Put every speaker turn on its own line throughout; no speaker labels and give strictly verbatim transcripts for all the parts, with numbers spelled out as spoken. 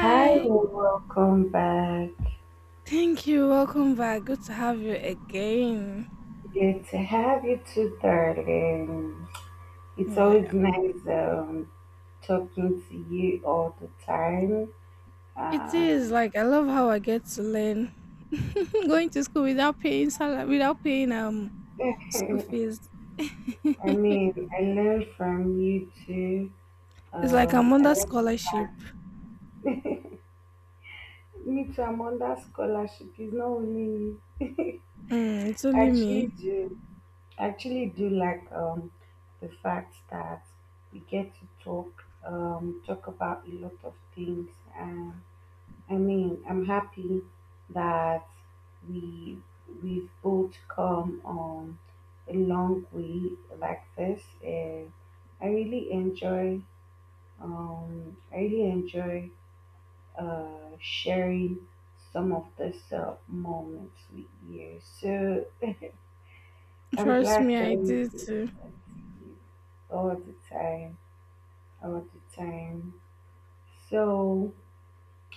Hi, welcome back.
Thank you. Welcome back. Good to have you again.
Good to have you too, darling. It's
Yeah.
always nice um, talking to you all the time.
It is
Uh,
like I love how I get to learn going to school without paying salary, without paying um school fees.
I mean, I learn from you too.
It's like I'm
Um, I
under
like the
scholarship.
fact me too. I'm under scholarship. It's not only
Mm, it's
I
only
actually
me.
do. I actually do like um the fact that we get to talk um talk about a lot of things and. I mean, I'm happy that we we've both come um a long way like this. And I really enjoy um I really enjoy uh sharing some of this uh, moments with you. So I'm
Trust
glad
me,
to
I
always
do
get to
too.
talk to you all the time, all the time. So.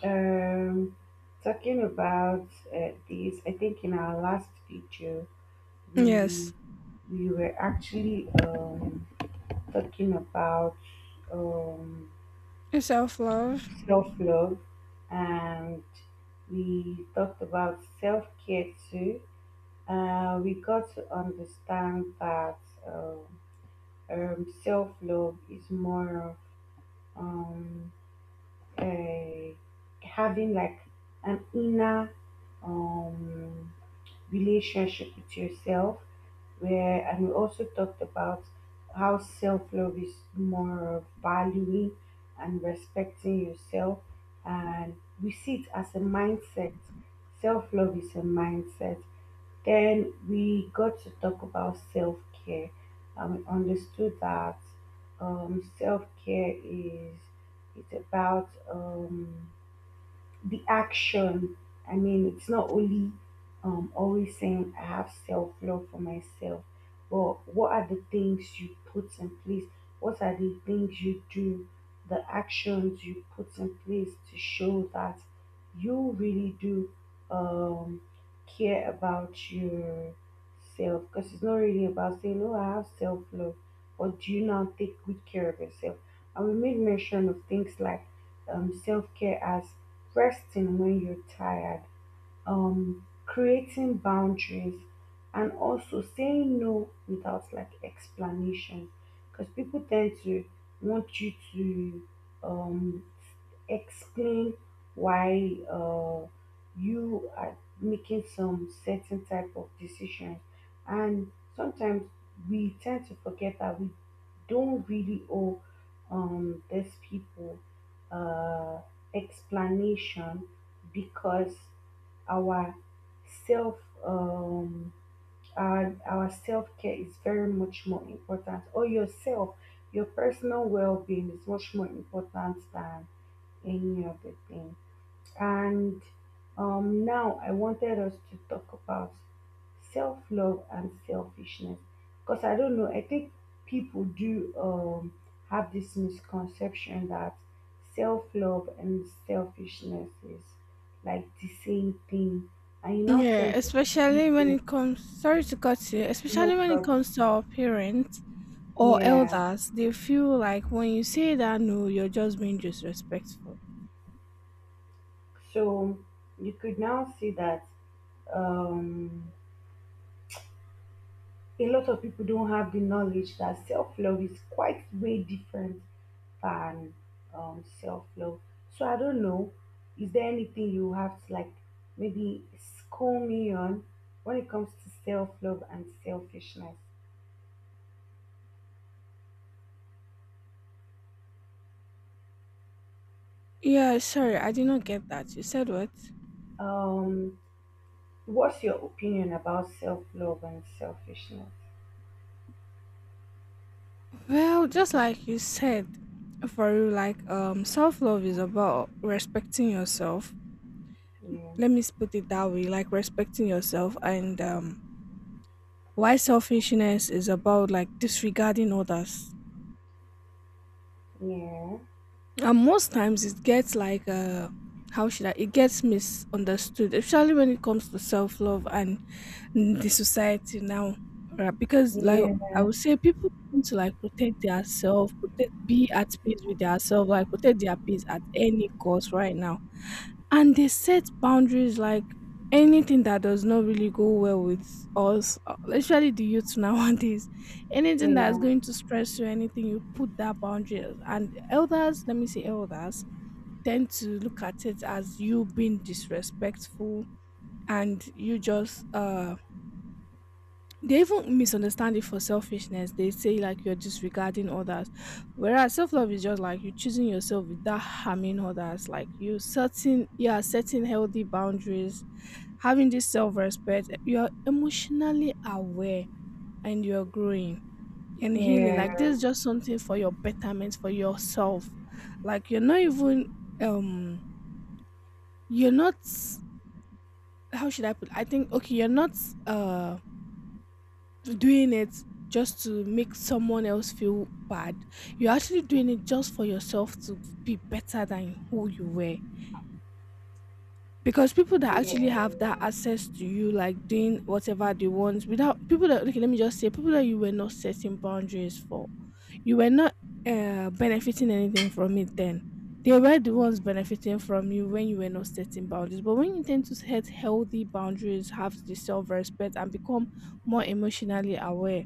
Um, talking about uh, this, I think in our last video we
Yes.
we were actually um, talking about um,
Self love.
self love, and we talked about self care too. Uh, we got to understand that um, um, self love is more of, um, uh, having like an inner um relationship with yourself where and we also talked about how self-love is more of valuing and respecting yourself, and we see it as a mindset. Self-love is a mindset. Then we got to talk about self-care, and we understood that um, self-care is it's about um, the action. I mean, it's not only um, always saying I have self love for myself, but what are the things you put in place? What are the things you do? The actions you put in place to show that you really do um, care about yourself. Because it's not really about saying, "Oh, I have self love," but do you now take good care of yourself? And we made mention of things like um, self care as resting when you're tired, um, creating boundaries, and also saying no without like explanation, because people tend to want you to um, explain why uh, you are making some certain type of decisions, and sometimes we tend to forget that we don't really owe um, these people uh, explanation, because our self um our our self care is very much more important or yourself. Your personal well-being is much more important than any other thing. And um, now I wanted us to talk about self love and selfishness, because I don't know, I think people do um, have this misconception that self love and selfishness is like the same thing, and you now
Yeah,
tend to see
especially when
people
it comes, sorry to cut you,
no
especially when it comes to
problem,
our parents or
yeah.
elders. They feel like when you say that no, you're just being disrespectful.
So you could now see that. Um, a lot of people don't have the knowledge that self love is quite way different than um, self love. So I don't know. Is there anything you have to like maybe school me on when it comes to self love and selfishness?
Yeah, sorry, I did not get that. You said what?
Um, what's your opinion about self love and selfishness?
Well, just like you said, for you, like um, self love is about respecting yourself.
Yeah,
Let me put it that way, like respecting yourself, and um, why selfishness is about like disregarding others.
yeah,
And most times it gets like uh, how should I? it gets misunderstood, especially when it comes to self love and the society now, right? Because like
yeah,
I would say people want to like protect their self, protect, be at peace with their self, like protect their peace at any cost right now, and they set boundaries. Like anything that does not really go well with us, uh, especially the youth nowadays, anything that's
yeah,
going to stress you, anything, you put that boundary, and elders, let me say elders, tend to look at it as you being disrespectful, and you just uh they even misunderstand it for selfishness. They say like you're disregarding others. Whereas self love is just like you choosing yourself without harming others. Like you setting you are setting healthy boundaries, having this self respect, you're emotionally aware, and you're growing and
yeah,
healing. Like
yeah,
this is just something for your betterment, for yourself. Like you're not even um you're not how should I put I think, okay, you're not uh doing it just to make someone else feel bad. You're actually doing it just for yourself, to be better than who you were. Because people that actually have that access to you, like doing whatever they want, without, people that, okay, let me just say, people that you were not setting boundaries for, you were not uh, benefiting anything from it then. They were the ones benefiting from you when you were not setting boundaries. But when you tend to set healthy boundaries, have the self respect, and become more emotionally aware,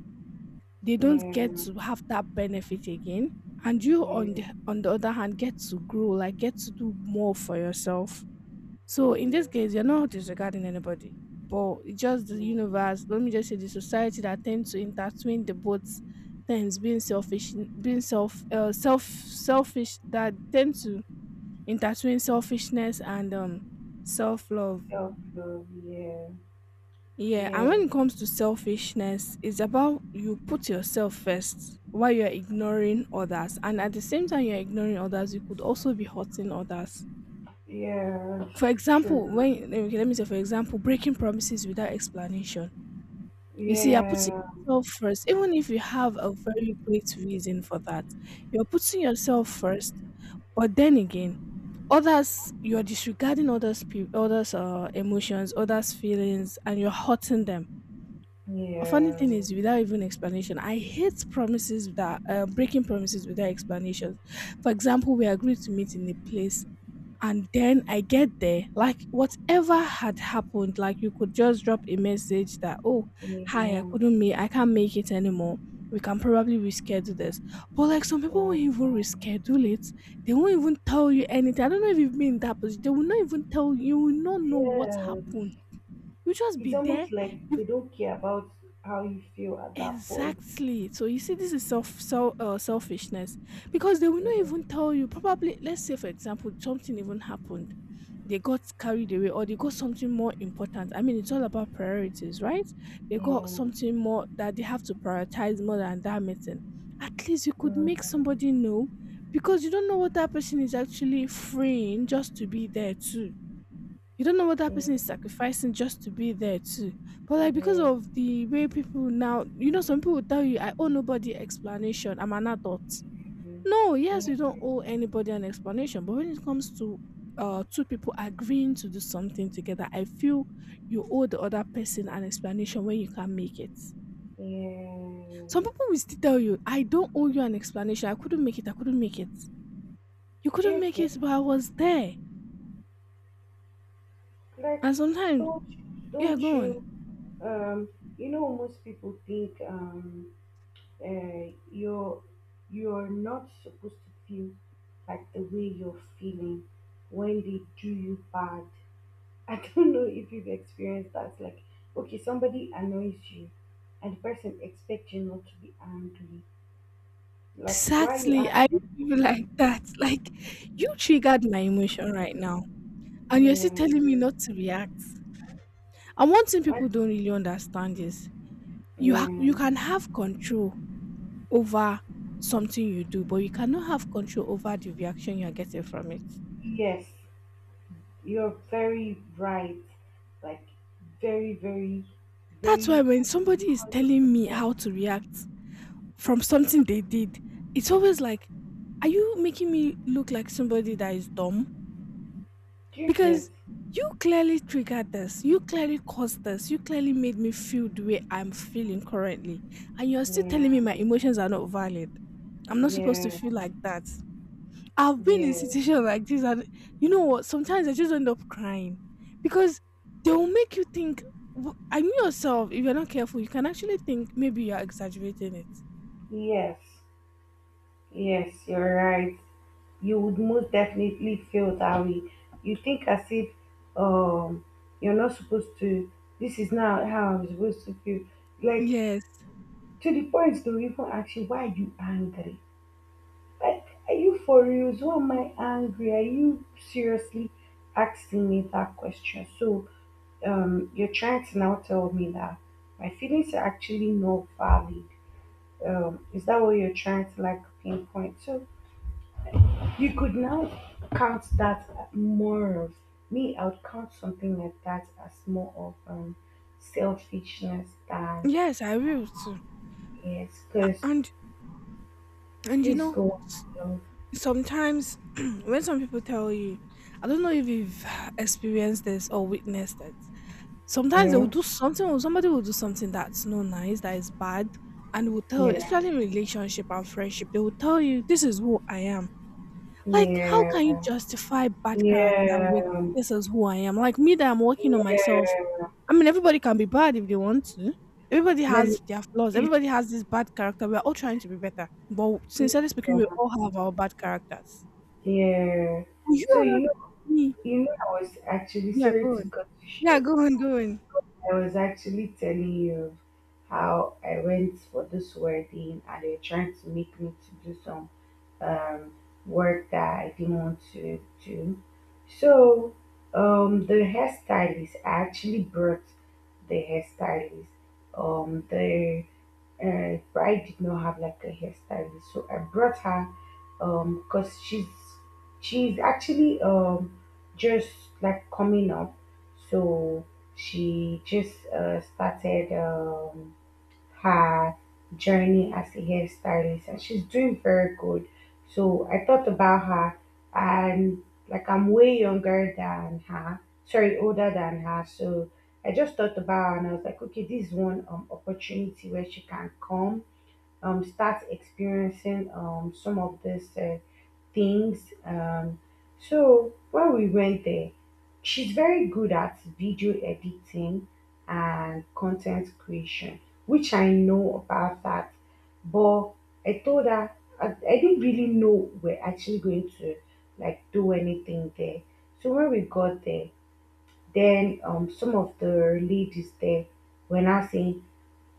they
yeah,
don't get
yeah,
to have that benefit again, and you on
yeah,
the on the other hand get to grow, like get to do more for yourself. So in this
yeah.
case you're not disregarding anybody, but it's just the
Yeah.
universe, let me just say the society, that tends to intertwine the both things: being selfish, being self uh, self selfish, that tend to intertwine selfishness and um self-love.
Self love, yeah,
Yeah, and
yeah,
when it comes to selfishness, it's about you put yourself first while you're ignoring others. And at the same time you're ignoring others, you could also be hurting others.
yeah,
For
it's
example,
true.
when, okay, let me say for example, breaking promises without explanation. You see, you're putting
Yeah,
yourself first, even if you have a very great reason for that. You're putting yourself first, but then again, others, you're disregarding others' pe- others' uh, emotions, others' feelings, and you're hurting them. A funny
yeah,
thing is without even explanation. I hate promises that uh, breaking promises without explanations. For example, we agreed to meet in a place and then I get there, like whatever had happened, like you could just drop a message that, oh,
yeah,
hi, i
yeah,
couldn't make I can't make it anymore, we can probably reschedule this. But like some people won't even reschedule it, they won't even tell you anything. I don't know if you've been in that position. They will not even tell you, you will not know what
yeah.
happened, you just
It's
be there.
almost like they don't care about how you feel at that point.
Exactly. So you see, this is self, self uh, selfishness, because they will
Yeah,
not even tell you. Probably, let's say for example, something even happened, they got carried away, or they got something more important. I mean, it's all about priorities, right? They
yeah,
got something more that they have to prioritize more than that meeting. At least you could make
mm,
somebody know, because you don't know what that person is actually freeing just to be there too. You don't know what that person
yeah,
is sacrificing just to be there too. But like because
yeah,
of the way people now, you know, some people will tell you, I owe nobody explanation, I'm an adult.
yeah,
No, yes, you
yeah.
don't owe anybody an explanation. But when it comes to uh two people agreeing to do something together, I feel you owe the other person an explanation when you can't make it.
Do
Some people will still tell you, I don't owe you an explanation. I couldn't make it, I couldn't make it. You couldn't
you
make
get
it, but I was there.
like
And sometimes,
don't
yeah,
don't
go
you
on.
um you know most people think um uh, you're you're not supposed to feel like the way you're feeling when they do you bad. I don't know if you've experienced that. Like, okay, somebody annoys you, and the person expects you not to be angry. Like, why you
Exactly. I
angry?
feel like that. Like you triggered my emotion right now, and you're
Yeah,
still telling me not to react. And one thing
why-
people don't really understand is you ha-
yeah,
you can have control over something you do, but you cannot have control over the reaction you're getting from it.
yes, you're very right. Like, very, very,
That's why
very
when
one
somebody is
hundred
telling me
percent.
how to react from something they did, it's always like, are you making me look like somebody that is dumb?
Do you get?
Because you clearly triggered this, you clearly caused this, you clearly made me feel the way I'm feeling currently. And you're still
Yeah,
telling me my emotions are not valid, I'm not supposed
yeah,
to feel like that. I've been in
yeah.
situations like this, and you know what? Sometimes I just end up crying because they will make you think. w- I knew yourself, if you're not careful, you can actually think maybe you're exaggerating it.
Yes, yes, you're right. You would most definitely feel that way. You think as if um you're not supposed to this is not how I'm supposed to feel. Like
Yes,
to the point to even ask you why are you angry? Like are you for real? Why am I angry? Are you seriously asking me that question? So um you're trying to now tell me that my feelings are actually not valid. Um is that what you're trying to like pinpoint? So you could now count that more of me, I would count something like that as more of um, selfishness than
yes, I will too.
yes,
A-
because
And and you
please
know,
go on myself,
sometimes when some people tell you, I don't know if you've experienced this or witnessed it.
you
Sometimes they will
know,
do something, or somebody will do something that's not nice, that is bad, and will tell you,
yeah,
especially in relationship and friendship, they will tell you, this is who I am. Like, how can
yeah,
you justify bad character with
yeah,
this is who I am? Like me that I'm working on myself.
yeah.
I mean everybody can be bad if they want to. Everybody
Let me,
has their flaws, everybody has this bad character. We're all trying to be better, but
see.
sincerely speaking, we
Yeah,
all have our bad characters.
yeah.
Oh, you
So
are not
you know,
me.
you know, I was actually
Yeah, go
sorry to
on.
cut you
Yeah,
short.
go on, go on.
I was actually telling you of how I went for this wedding and they're trying to make me to do something um, work that I didn't want to do. So um, the hairstylist I actually brought the hairstylist. Um, the uh, bride did not have like a hairstylist, so I brought her um because she's she's actually um just like coming up, so she just uh, started um her journey as a hairstylist and she's doing very good. So I thought about her, and like I'm way younger than her, sorry, older than her. So I just thought about her and I was like, okay, this is one um, opportunity where she can come um, start experiencing um, some of these uh, things. Um, so when we went there, she's very good at video editing and content creation, which I know about that. But I told her I, I didn't really know we're actually going to like do anything there. So when we got there, then um, some of the ladies there were now saying,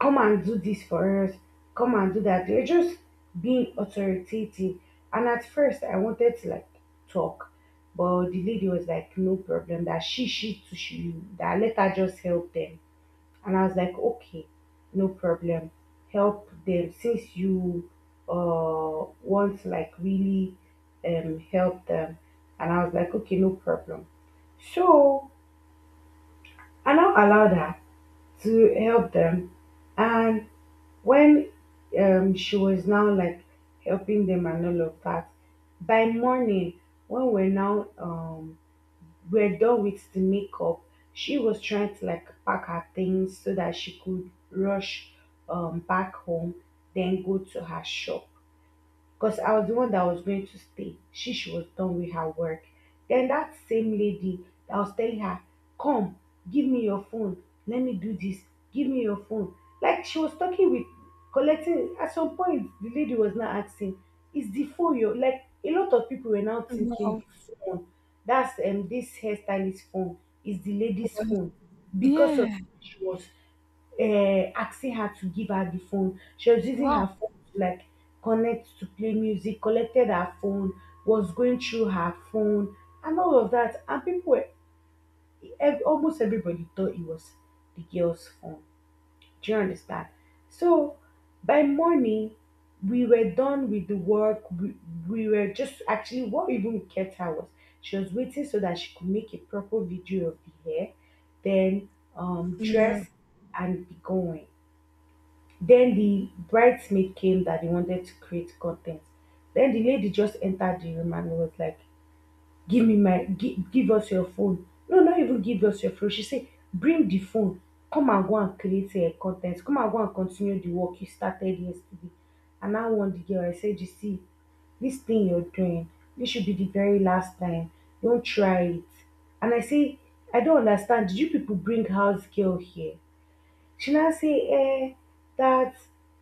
"Come and do this for us. Come and do that." They're just being authoritative. And at first, I wanted to like talk, but the lady was like, "No problem. That she, she, to she, that let her just help them." And I was like, "Okay, no problem. Help them since you uh want to like really um help them." And I was like, "Okay, no problem." So I now allowed her to help them, and when um, she was now like helping them and all of that, by morning, when we're now um, we're done with the makeup, she was trying to like pack her things so that she could rush um, back home, then go to her shop because I was the one that was going to stay. She she was done with her work. Then that same lady that was telling her, "Come, give me your phone. Let me do this. Give me your phone." Like she was talking with collecting. At some point, the lady was now asking, "Is the phone your?" Like a lot of people were now thinking,
Wow.
"The phone. That's um this hairstylist phone. Is the lady's
Wow.
phone because of
Yeah.
she was" uh, asking her to give her the phone. She was using her
Wow.
phone to like connect to play music, collected her phone, was going through her phone, and all of that. And people were ev- almost everybody thought it was the girl's phone. Do you understand? So by morning, we were done with the work. We, we were just actually what even kept her was she was waiting so that she could make a proper video of the hair, then um
Yeah.
dress and be going. Then the bridesmaid came that they wanted to create content. Then the lady just entered the room and was like, "Give me my, give, give us your phone." No, not even give us your phone. She said, "Bring the phone. Come and go and create uh, content. Come and go and continue the work you started yesterday." And I warned the girl. I said, "You see, this thing you're doing, this should be the very last time. Don't try it." And I say, "I don't understand. Did you people bring house girl here?" She now say eh that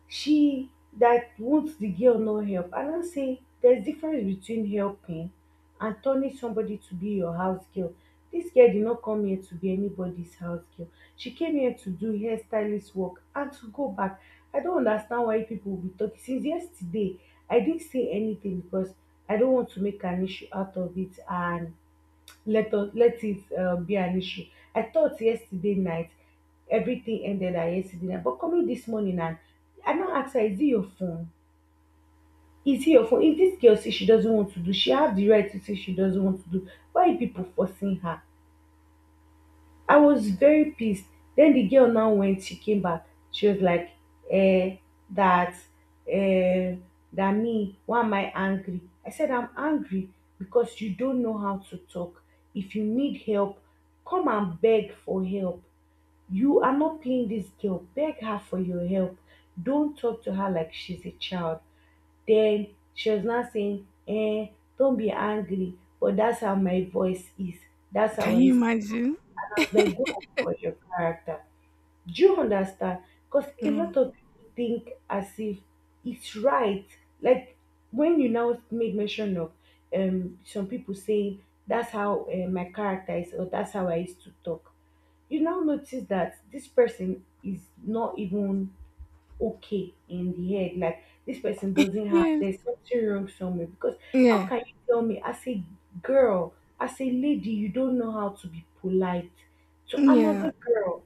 she that wants the girl no help, I don't say there's difference between helping and turning somebody to be your house girl. This girl did not come here to be anybody's house girl. She came here to do hairstylist work and to go back. I don't understand why people will be talking since yesterday. I didn't say anything because I don't want to make an issue out of it and let us let it um, be an issue. I thought yesterday night everything ended at yesterday night, but coming this morning and I now ask her, is it your phone? Is it your phone? If this girl says she doesn't want to do, she have the right to say she doesn't want to do. Why you people forcing her? I was very pissed. Then the girl now when she came back, she was like, eh, that eh, that me, why am I angry? I said I'm angry because you don't know how to talk. If you need help, come and beg for help. You are not paying this girl. Beg her for your help. Don't talk to her like she's a child. Then she was now saying, eh, don't be angry, but that's how my voice is. That's how
Can
I
you
used
imagine?
I was like, go for your character. Do you understand? Because a
Wow.
lot of people think as if it's right. Like when you now made mention of um some people saying that's how uh, my character is or that's how I used to talk. You now notice that this person is not even okay in the head. Like this person doesn't have
Yes.
there's something wrong somewhere. Because how
Yeah.
can you tell me as a girl, as a lady, you don't know how to be polite to another
Yeah.
girl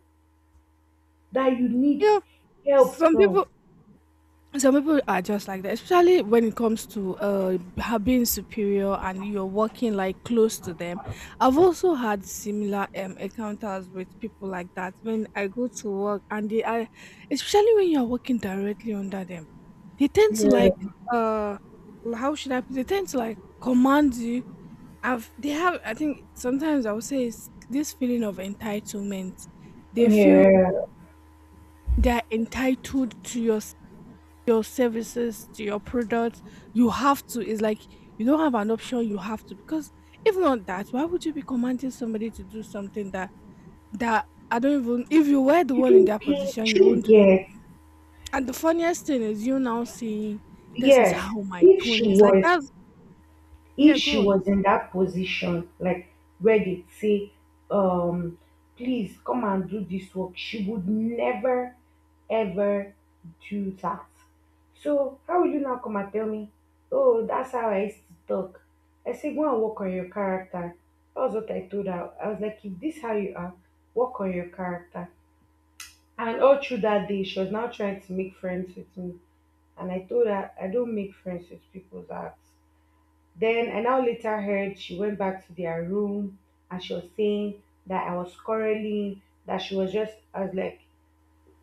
that you
You
need
know,
help
some
from?
people some people are just like that, especially when it comes to uh ha- being superior and you're working like close to them. I've also had similar um encounters with people like that when I go to work, and they are, especially when you're working directly under them, they tend to like
Yeah,
uh how should I put? It? they tend to like command you. I've they have I think sometimes I would say it's this feeling of entitlement. They feel
yeah,
they're entitled to your your services, to your products, you have to, it's like you don't have an option, you have to. Because if not, that why would you be commanding somebody to do something that, that I don't, even if you were the
You
one in
don't
that
get
position you
you
won't do it.
get
And the funniest thing is you now seeing, this is
yes.
how my
If
tone
she
is like,
was
that's,
if
yeah go
she
on,
was in that position, like where they say, um, please come and do this work, she would never ever do that. So how will you now come and tell me, oh, that's how I used to talk? I say, go and work on your character. That was what I told her. I was like, if this how you are, work on your character. And all through that day, she was now trying to make friends with me. And I told her I don't make friends with people that then I now later heard she went back to their room and she was saying that I was quarreling, that she was just, I was like,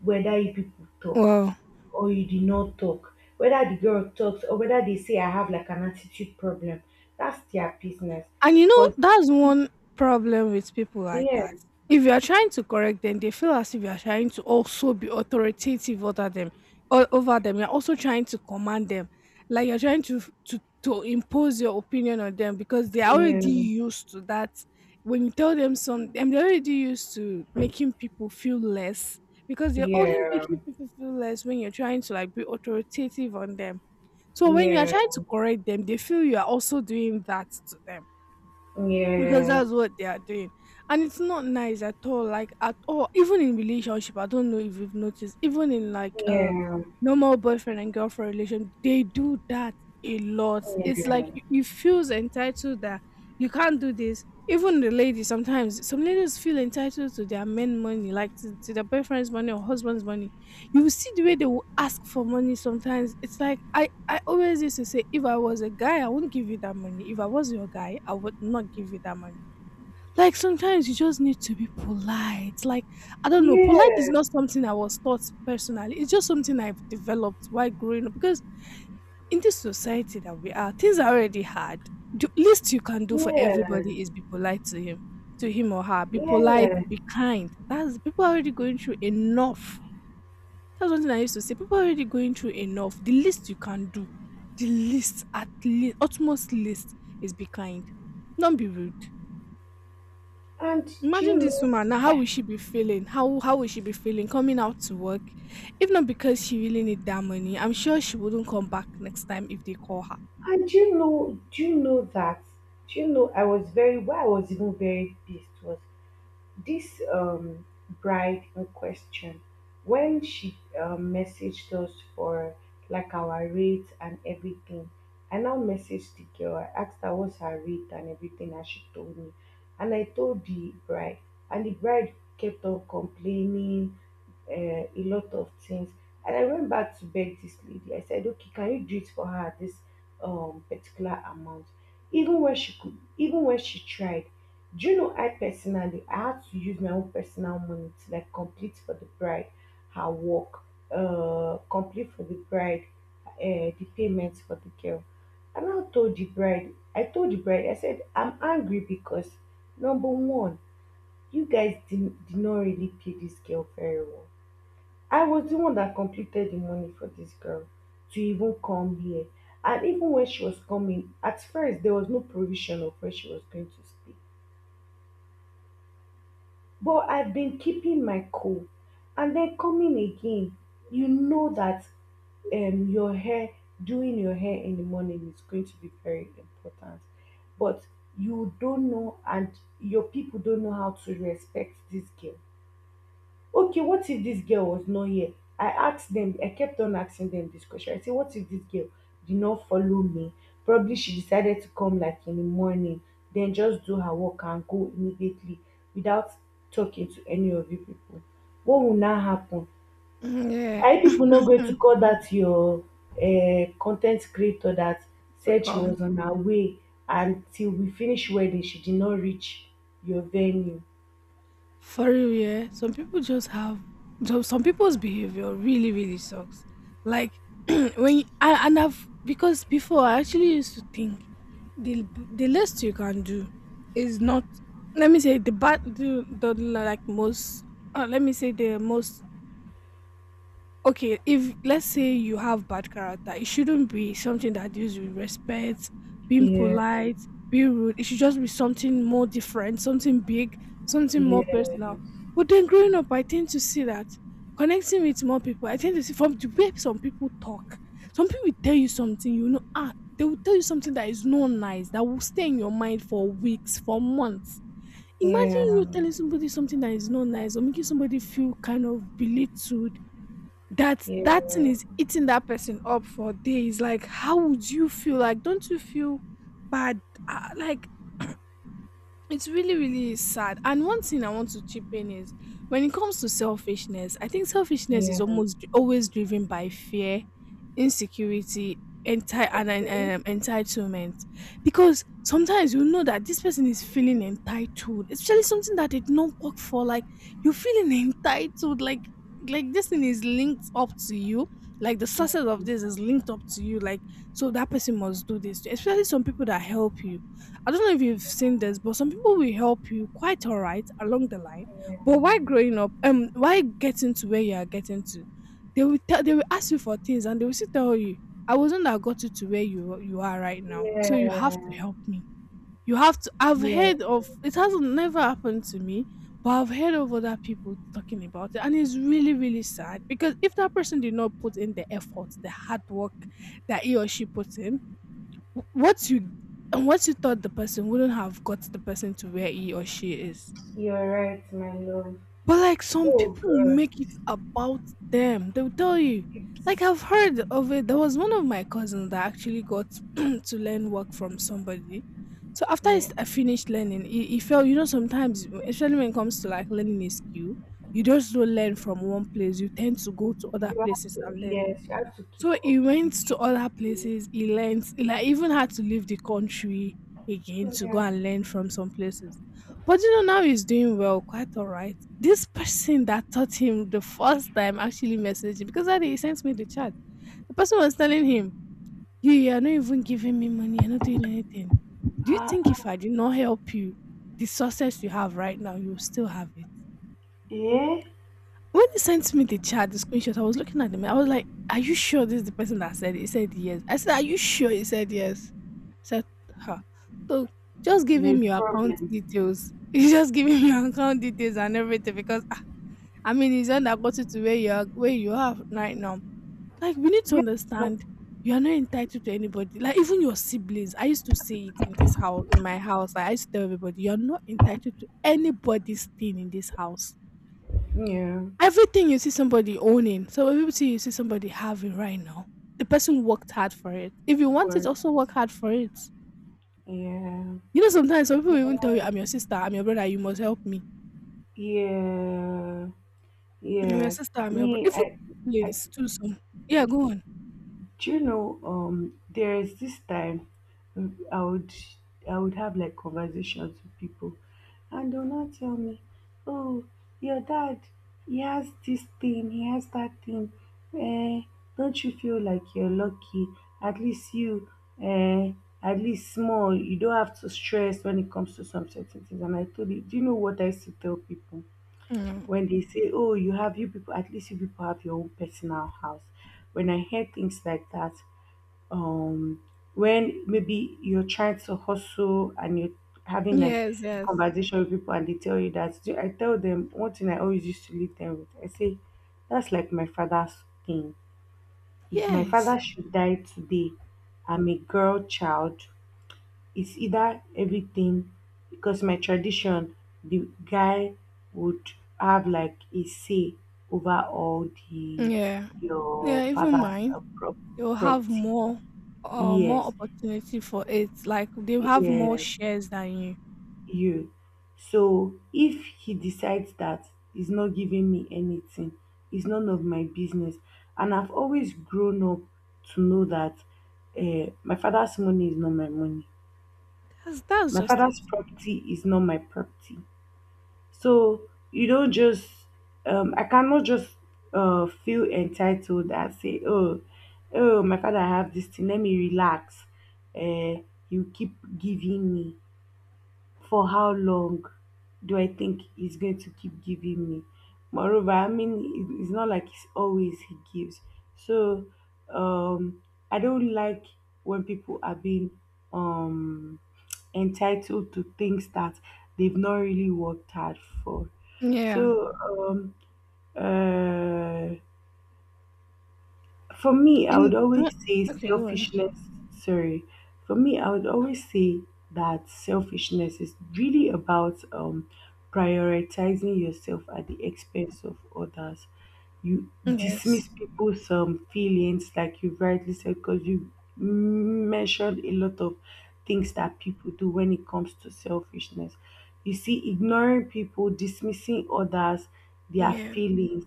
whether you people talk
wow.
or you did not talk, whether the girl talks or whether they say I have like an attitude problem, that's their business.
And you know,
Because,
that's
yeah,
one problem with people like that. If you are trying to correct them, they feel as if you are trying to also be authoritative over them or over them, you're also trying to command them. Like you're trying to to to impose your opinion on them because they're
yeah,
already used to that. When you tell them some, and they're already used to making people feel less, because they're only
yeah,
making people feel less when you're trying to like be authoritative on them. So when you are
yeah,
trying to correct them, they feel you are also doing that to them because
yes,
that's what they are doing, and it's not nice at all, like at all. Even in relationship, I don't know if you've noticed, even in like uh
yeah,
normal boyfriend and girlfriend relation, they do that a lot. It's like you, you feels entitled that you can't do this. Even the ladies, sometimes some ladies feel entitled to their men money, like to, to their boyfriend's money or husband's money. You will see the way they will ask for money sometimes. It's like, I, I always used to say, if I was a guy, I wouldn't give you that money. If I was your guy, I would not give you that money. Like sometimes you just need to be polite. Like, I don't know,
yeah,
polite is
yeah,
not something I was taught personally. It's just something I've developed while growing up. Because in this society that we are, things are already hard. The least you can do for everybody is be polite to him, to him or her. Be
yeah,
polite,
yeah.
be kind. That's people are already going through enough. That's one thing I used to say. People are already going through enough. The least you can do, the least, at least, utmost least, is be kind. Don't be rude.
And do you
Imagine this
know
woman now. How will she be feeling? How how will she be feeling coming out to work? If not because she really need that money, I'm sure she wouldn't come back next time if they call her.
And do you know do you know that do you know I was very why I was even very pissed was this um, bride in question, when she um, messaged us for like our rates and everything, I now messaged the girl. I asked her what's her rate and everything, and she told me. And I told the bride, and the bride kept on complaining uh, a lot of things. And I went back to beg this lady. I said, okay, can you do it for her at this um, particular amount? Even when she could, even when she tried, do you know, I personally, I had to use my own personal money to like complete for the bride her work, uh, complete for the bride, uh, the payments for the girl. And I now told the bride, I told the bride, I said, I'm angry because number one, you guys did, did not really pay this girl very well. I was the one that completed the money for this girl to even come here. And even when she was coming, at first there was no provision of where she was going to stay. But I've been keeping my cool. And then coming again, you know that um your hair doing your hair in the morning is going to be very important. But you don't know and your people don't know how to respect this girl. Okay, what if this girl was not here? I asked them, I kept on asking them this question. I say, what if this girl did not follow me, probably she decided to come like in the morning, then just do her work and go immediately without talking to any of you people, what will now happen?
Mm, yeah,
Are you people not going to call that your uh, content creator that
to
said she
come.
was on her way and till we finish wedding she did not reach your venue?
For real, yeah. Some people just have some some people's behavior really, really sucks. Like when you, I, and I've because before I actually used to think the the least you can do is not let me say the bad the, the like most uh, let me say the most. Okay, if let's say you have bad character, it shouldn't be something that deals with respect, being
Yeah,
polite, being rude. It should just be something more different, something big, something more
yeah,
personal. But then growing up, I tend to see that connecting with more people, I tend to see from the way some people talk, some people will tell you something, you know, ah, they will tell you something that is not nice, that will stay in your mind for weeks, for months. Imagine
yeah,
you telling somebody something that is not nice or making somebody feel kind of belittled. that
yeah,
that thing is eating that person up for days. Like, how would you feel? Like, don't you feel bad? Ah, like, it's really, really sad. And one thing I want to chip in is when it comes to selfishness, I think selfishness
yeah,
is almost dri- always driven by fear, insecurity, enti- and
okay.
um, entitlement. Because sometimes you know that this person is feeling entitled, especially something that they did not work for. Like you're feeling entitled, like like this thing is linked up to you. Like the success of this is linked up to you. Like so that person must do this. Especially some people that help you, I don't know if you've seen this, but some people will help you quite all right along the line. But why growing up, um, why getting to where you are getting to, they will tell, they will ask you for things, and they will still tell you, "I wasn't that got you to where you you are right now, so you
Yeah,
have to help me. You have to." I've
yeah,
heard
yeah.
of it, hasn't never happened to me, but I've heard of other people talking about it, and it's really really sad because if that person did not put in the effort, the hard work that he or she puts in, wh- what you and what you thought, the person wouldn't have got the person to where he or she is.
You're right, my love.
But like some
Oh
people will
God,
make it about them. They'll tell you.
it's
Like I've heard of it. There was one of my cousins that actually got to learn work from somebody. So after he
yeah.
s- I finished learning, he, he felt, you know, sometimes, especially when it comes to like learning a skill, you just don't learn from one place. You tend to go to other
You have
places
to,
and learn.
yes, you have to keep
So
up
he went
with
to
it.
other places. He learned, he like even had to leave the country again to go
Yeah.
and learn from some places. But you know, now he's doing well, quite all right. This person that taught him the first time actually messaged him because that day he sent me the chat. The person was telling him, You, you are not even giving me money, you're not doing anything. Do you
Uh,
think
uh,
if I did not help you, the success you have right now, you'll still have it?
yeah,
When they sent me the chat, the screenshot, I was looking at them. I was like, "Are you sure this is the person that said it?" He said yes. I said, "Are you sure?" He said yes. I said, "Huh." So just give
there's
him your account
problem.
details. You just give him your account details and everything because ah, I mean, he's not that got you to where you are, where you are right now. Like we need to understand, you are not entitled to anybody. Like even your siblings. I used to say it in this house, in my house. Like, I used to tell everybody, you are not entitled to anybody's thing in this house.
Yeah,
Everything you see somebody owning, so everything you see somebody having right now, the person worked hard for it. If you want it,
for
also work hard for it.
yeah,
You know, sometimes some people even tell you, "I'm your sister, I'm your brother, you must help me.
yeah,
I'm your
yeah.
sister, I'm your brother."
Me,
If
I.
siblings too. Some, yeah, go on.
Do you know, um, there is this time um, I would I would have like conversations with people, and they'll not tell me, "Oh, your dad, he has this thing, he has that thing. Eh, don't you feel like you're lucky? At least you, eh, at least small, you don't have to stress when it comes to some certain things." And I told you, do you know what I used to tell people
Mm.
when they say, "Oh, you have you people, at least you people have your own personal house." When I hear things like that, um when maybe you're trying to hustle and you're having like
Yes, yes,
conversation with people and they tell you that do- I tell them one thing I always used to leave them with. I say that's like my father's thing. If my father
yes,
should die today, I'm a girl child, it's either everything because my tradition, the guy would have like a say over all the
yeah,
your
yeah. Even
father's
mine,
uh, prop-
they'll have
property.
more, uh, more
Yes,
opportunity for it. Like they'll have more
yes,
shares than you.
you. So if he decides that he's not giving me anything, it's none of my business. And I've always grown up to know that uh, my father's money is not my money.
That's that's
My
just it.
father's property is not my property. So you don't just, um, I cannot just uh, feel entitled and say, oh, oh, my father have this thing. Let me relax. Uh, you keep giving me. For how long do I think he's going to keep giving me? Moreover, I mean, it- it's not like it's always he gives. So, um, I don't like when people are being um entitled to things that they've not really worked hard for.
Yeah.
So, um, uh, for me, I would
And
always say
okay, go on.
selfishness. Sorry. For me, I would always say that selfishness is really about um, prioritizing yourself at the expense of others. You
Yes.
dismiss people's um, feelings, like you rightly said, because you mentioned a lot of things that people do when it comes to selfishness. You see, ignoring people, dismissing others, their
Yeah.
feelings,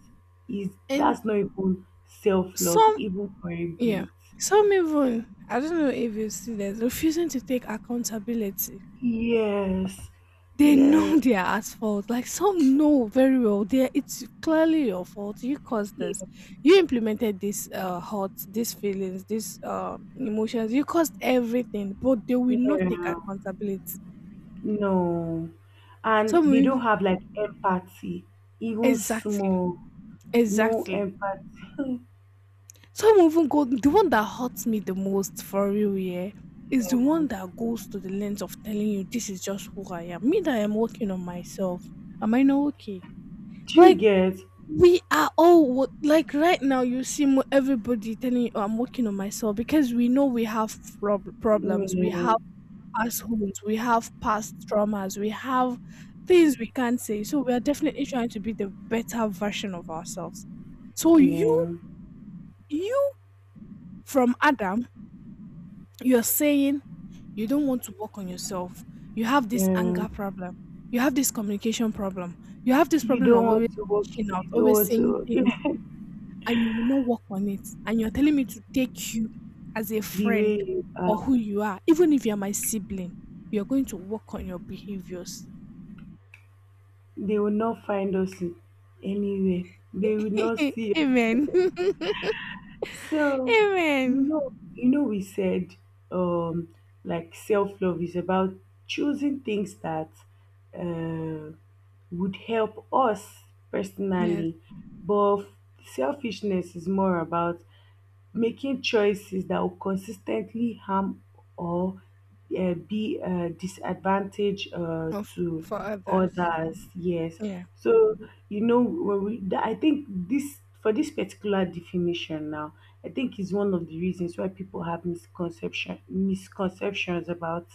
is
And
that's not even self-love
some,
even for a
yeah,
bit.
some even, I don't know if you see this, refusing to take accountability.
Yes,
They
yes,
know they are at fault. Like some know very well, they it's clearly your fault. You caused
yeah,
this. You implemented this uh hurt, these feelings, these uh emotions. You caused everything, but they will not take
yeah,
accountability.
no, and
Some
they don't
will
have like empathy even
exactly,
small. No
exactly.
empathy.
Some even go, the one that hurts me the most for real, yeah, is the one that goes to the length of telling you this is just who I am. Me that I'm working on myself. Am I not okay?
Do you
Like
get?
we are all wo- like right now. You see mo- everybody telling you, oh, "I'm working on myself," because we know we have prob- problems, we have
Yeah,
past wounds, we have past traumas, we have things we can't say. So we are definitely trying to be the better version of ourselves. So you,
yeah,
you from Adam, you're saying you don't want to work on yourself. You have this
yeah.
anger problem. You have this communication problem. You have this
you
problem
don't
of always
want to work
reaching out,
you don't
always
want to
saying
work
things, and you will not work on it. And you're telling me to take you as a
The
friend
way you
for
are,
who you are, even if you're my sibling. You're going to work on your behaviors.
they will not find us anywhere, they will not see.
Amen.
So, you
Amen.
know, you know, we said um, like self love is about choosing things that uh, would help us
Yes.
personally, but selfishness is more about making choices that will consistently harm or uh, be a disadvantage uh,
Of,
to
for others.
others. Yes,
Yeah.
so you know, when we, th- I think this for this particular definition now, I think is one of the reasons why people have misconception misconceptions about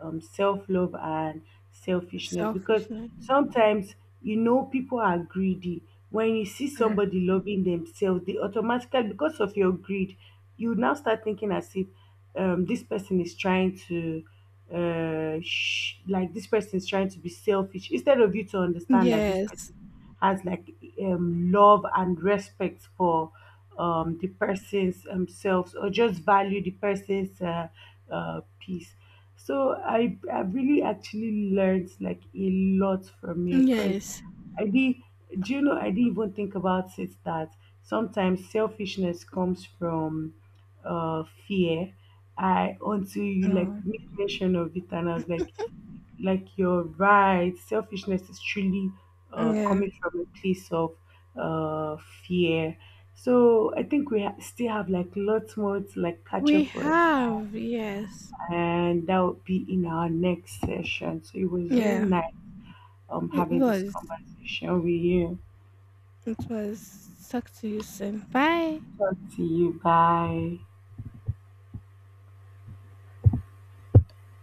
um, self love and selfishness because
Selfishness.
sometimes you know people are greedy. When you see
Yeah.
somebody loving themselves, they automatically because of your greed, you now start thinking as if um, this person is trying to uh sh- like this person is trying to be selfish instead of you to understand that this person
Yes.
has like um love and respect for um the person's themselves or just value the person's uh, uh peace. So i i really actually learned like a lot from here because
Yes.
I did, do you know I didn't even think about it that sometimes selfishness comes from uh fear. I until you like
Mm.
made mention of it and I was like like you're right, selfishness is truly uh,
Yeah.
coming from a place of uh, fear. So I think we ha- still have like lots more to like catch
We
up on,
have, yes.
and that would be in our next session. So it was really
Yeah,
nice um
it
having this
was.
conversation with you.
It was. Talk to you soon. Bye.
Talk to you. Bye.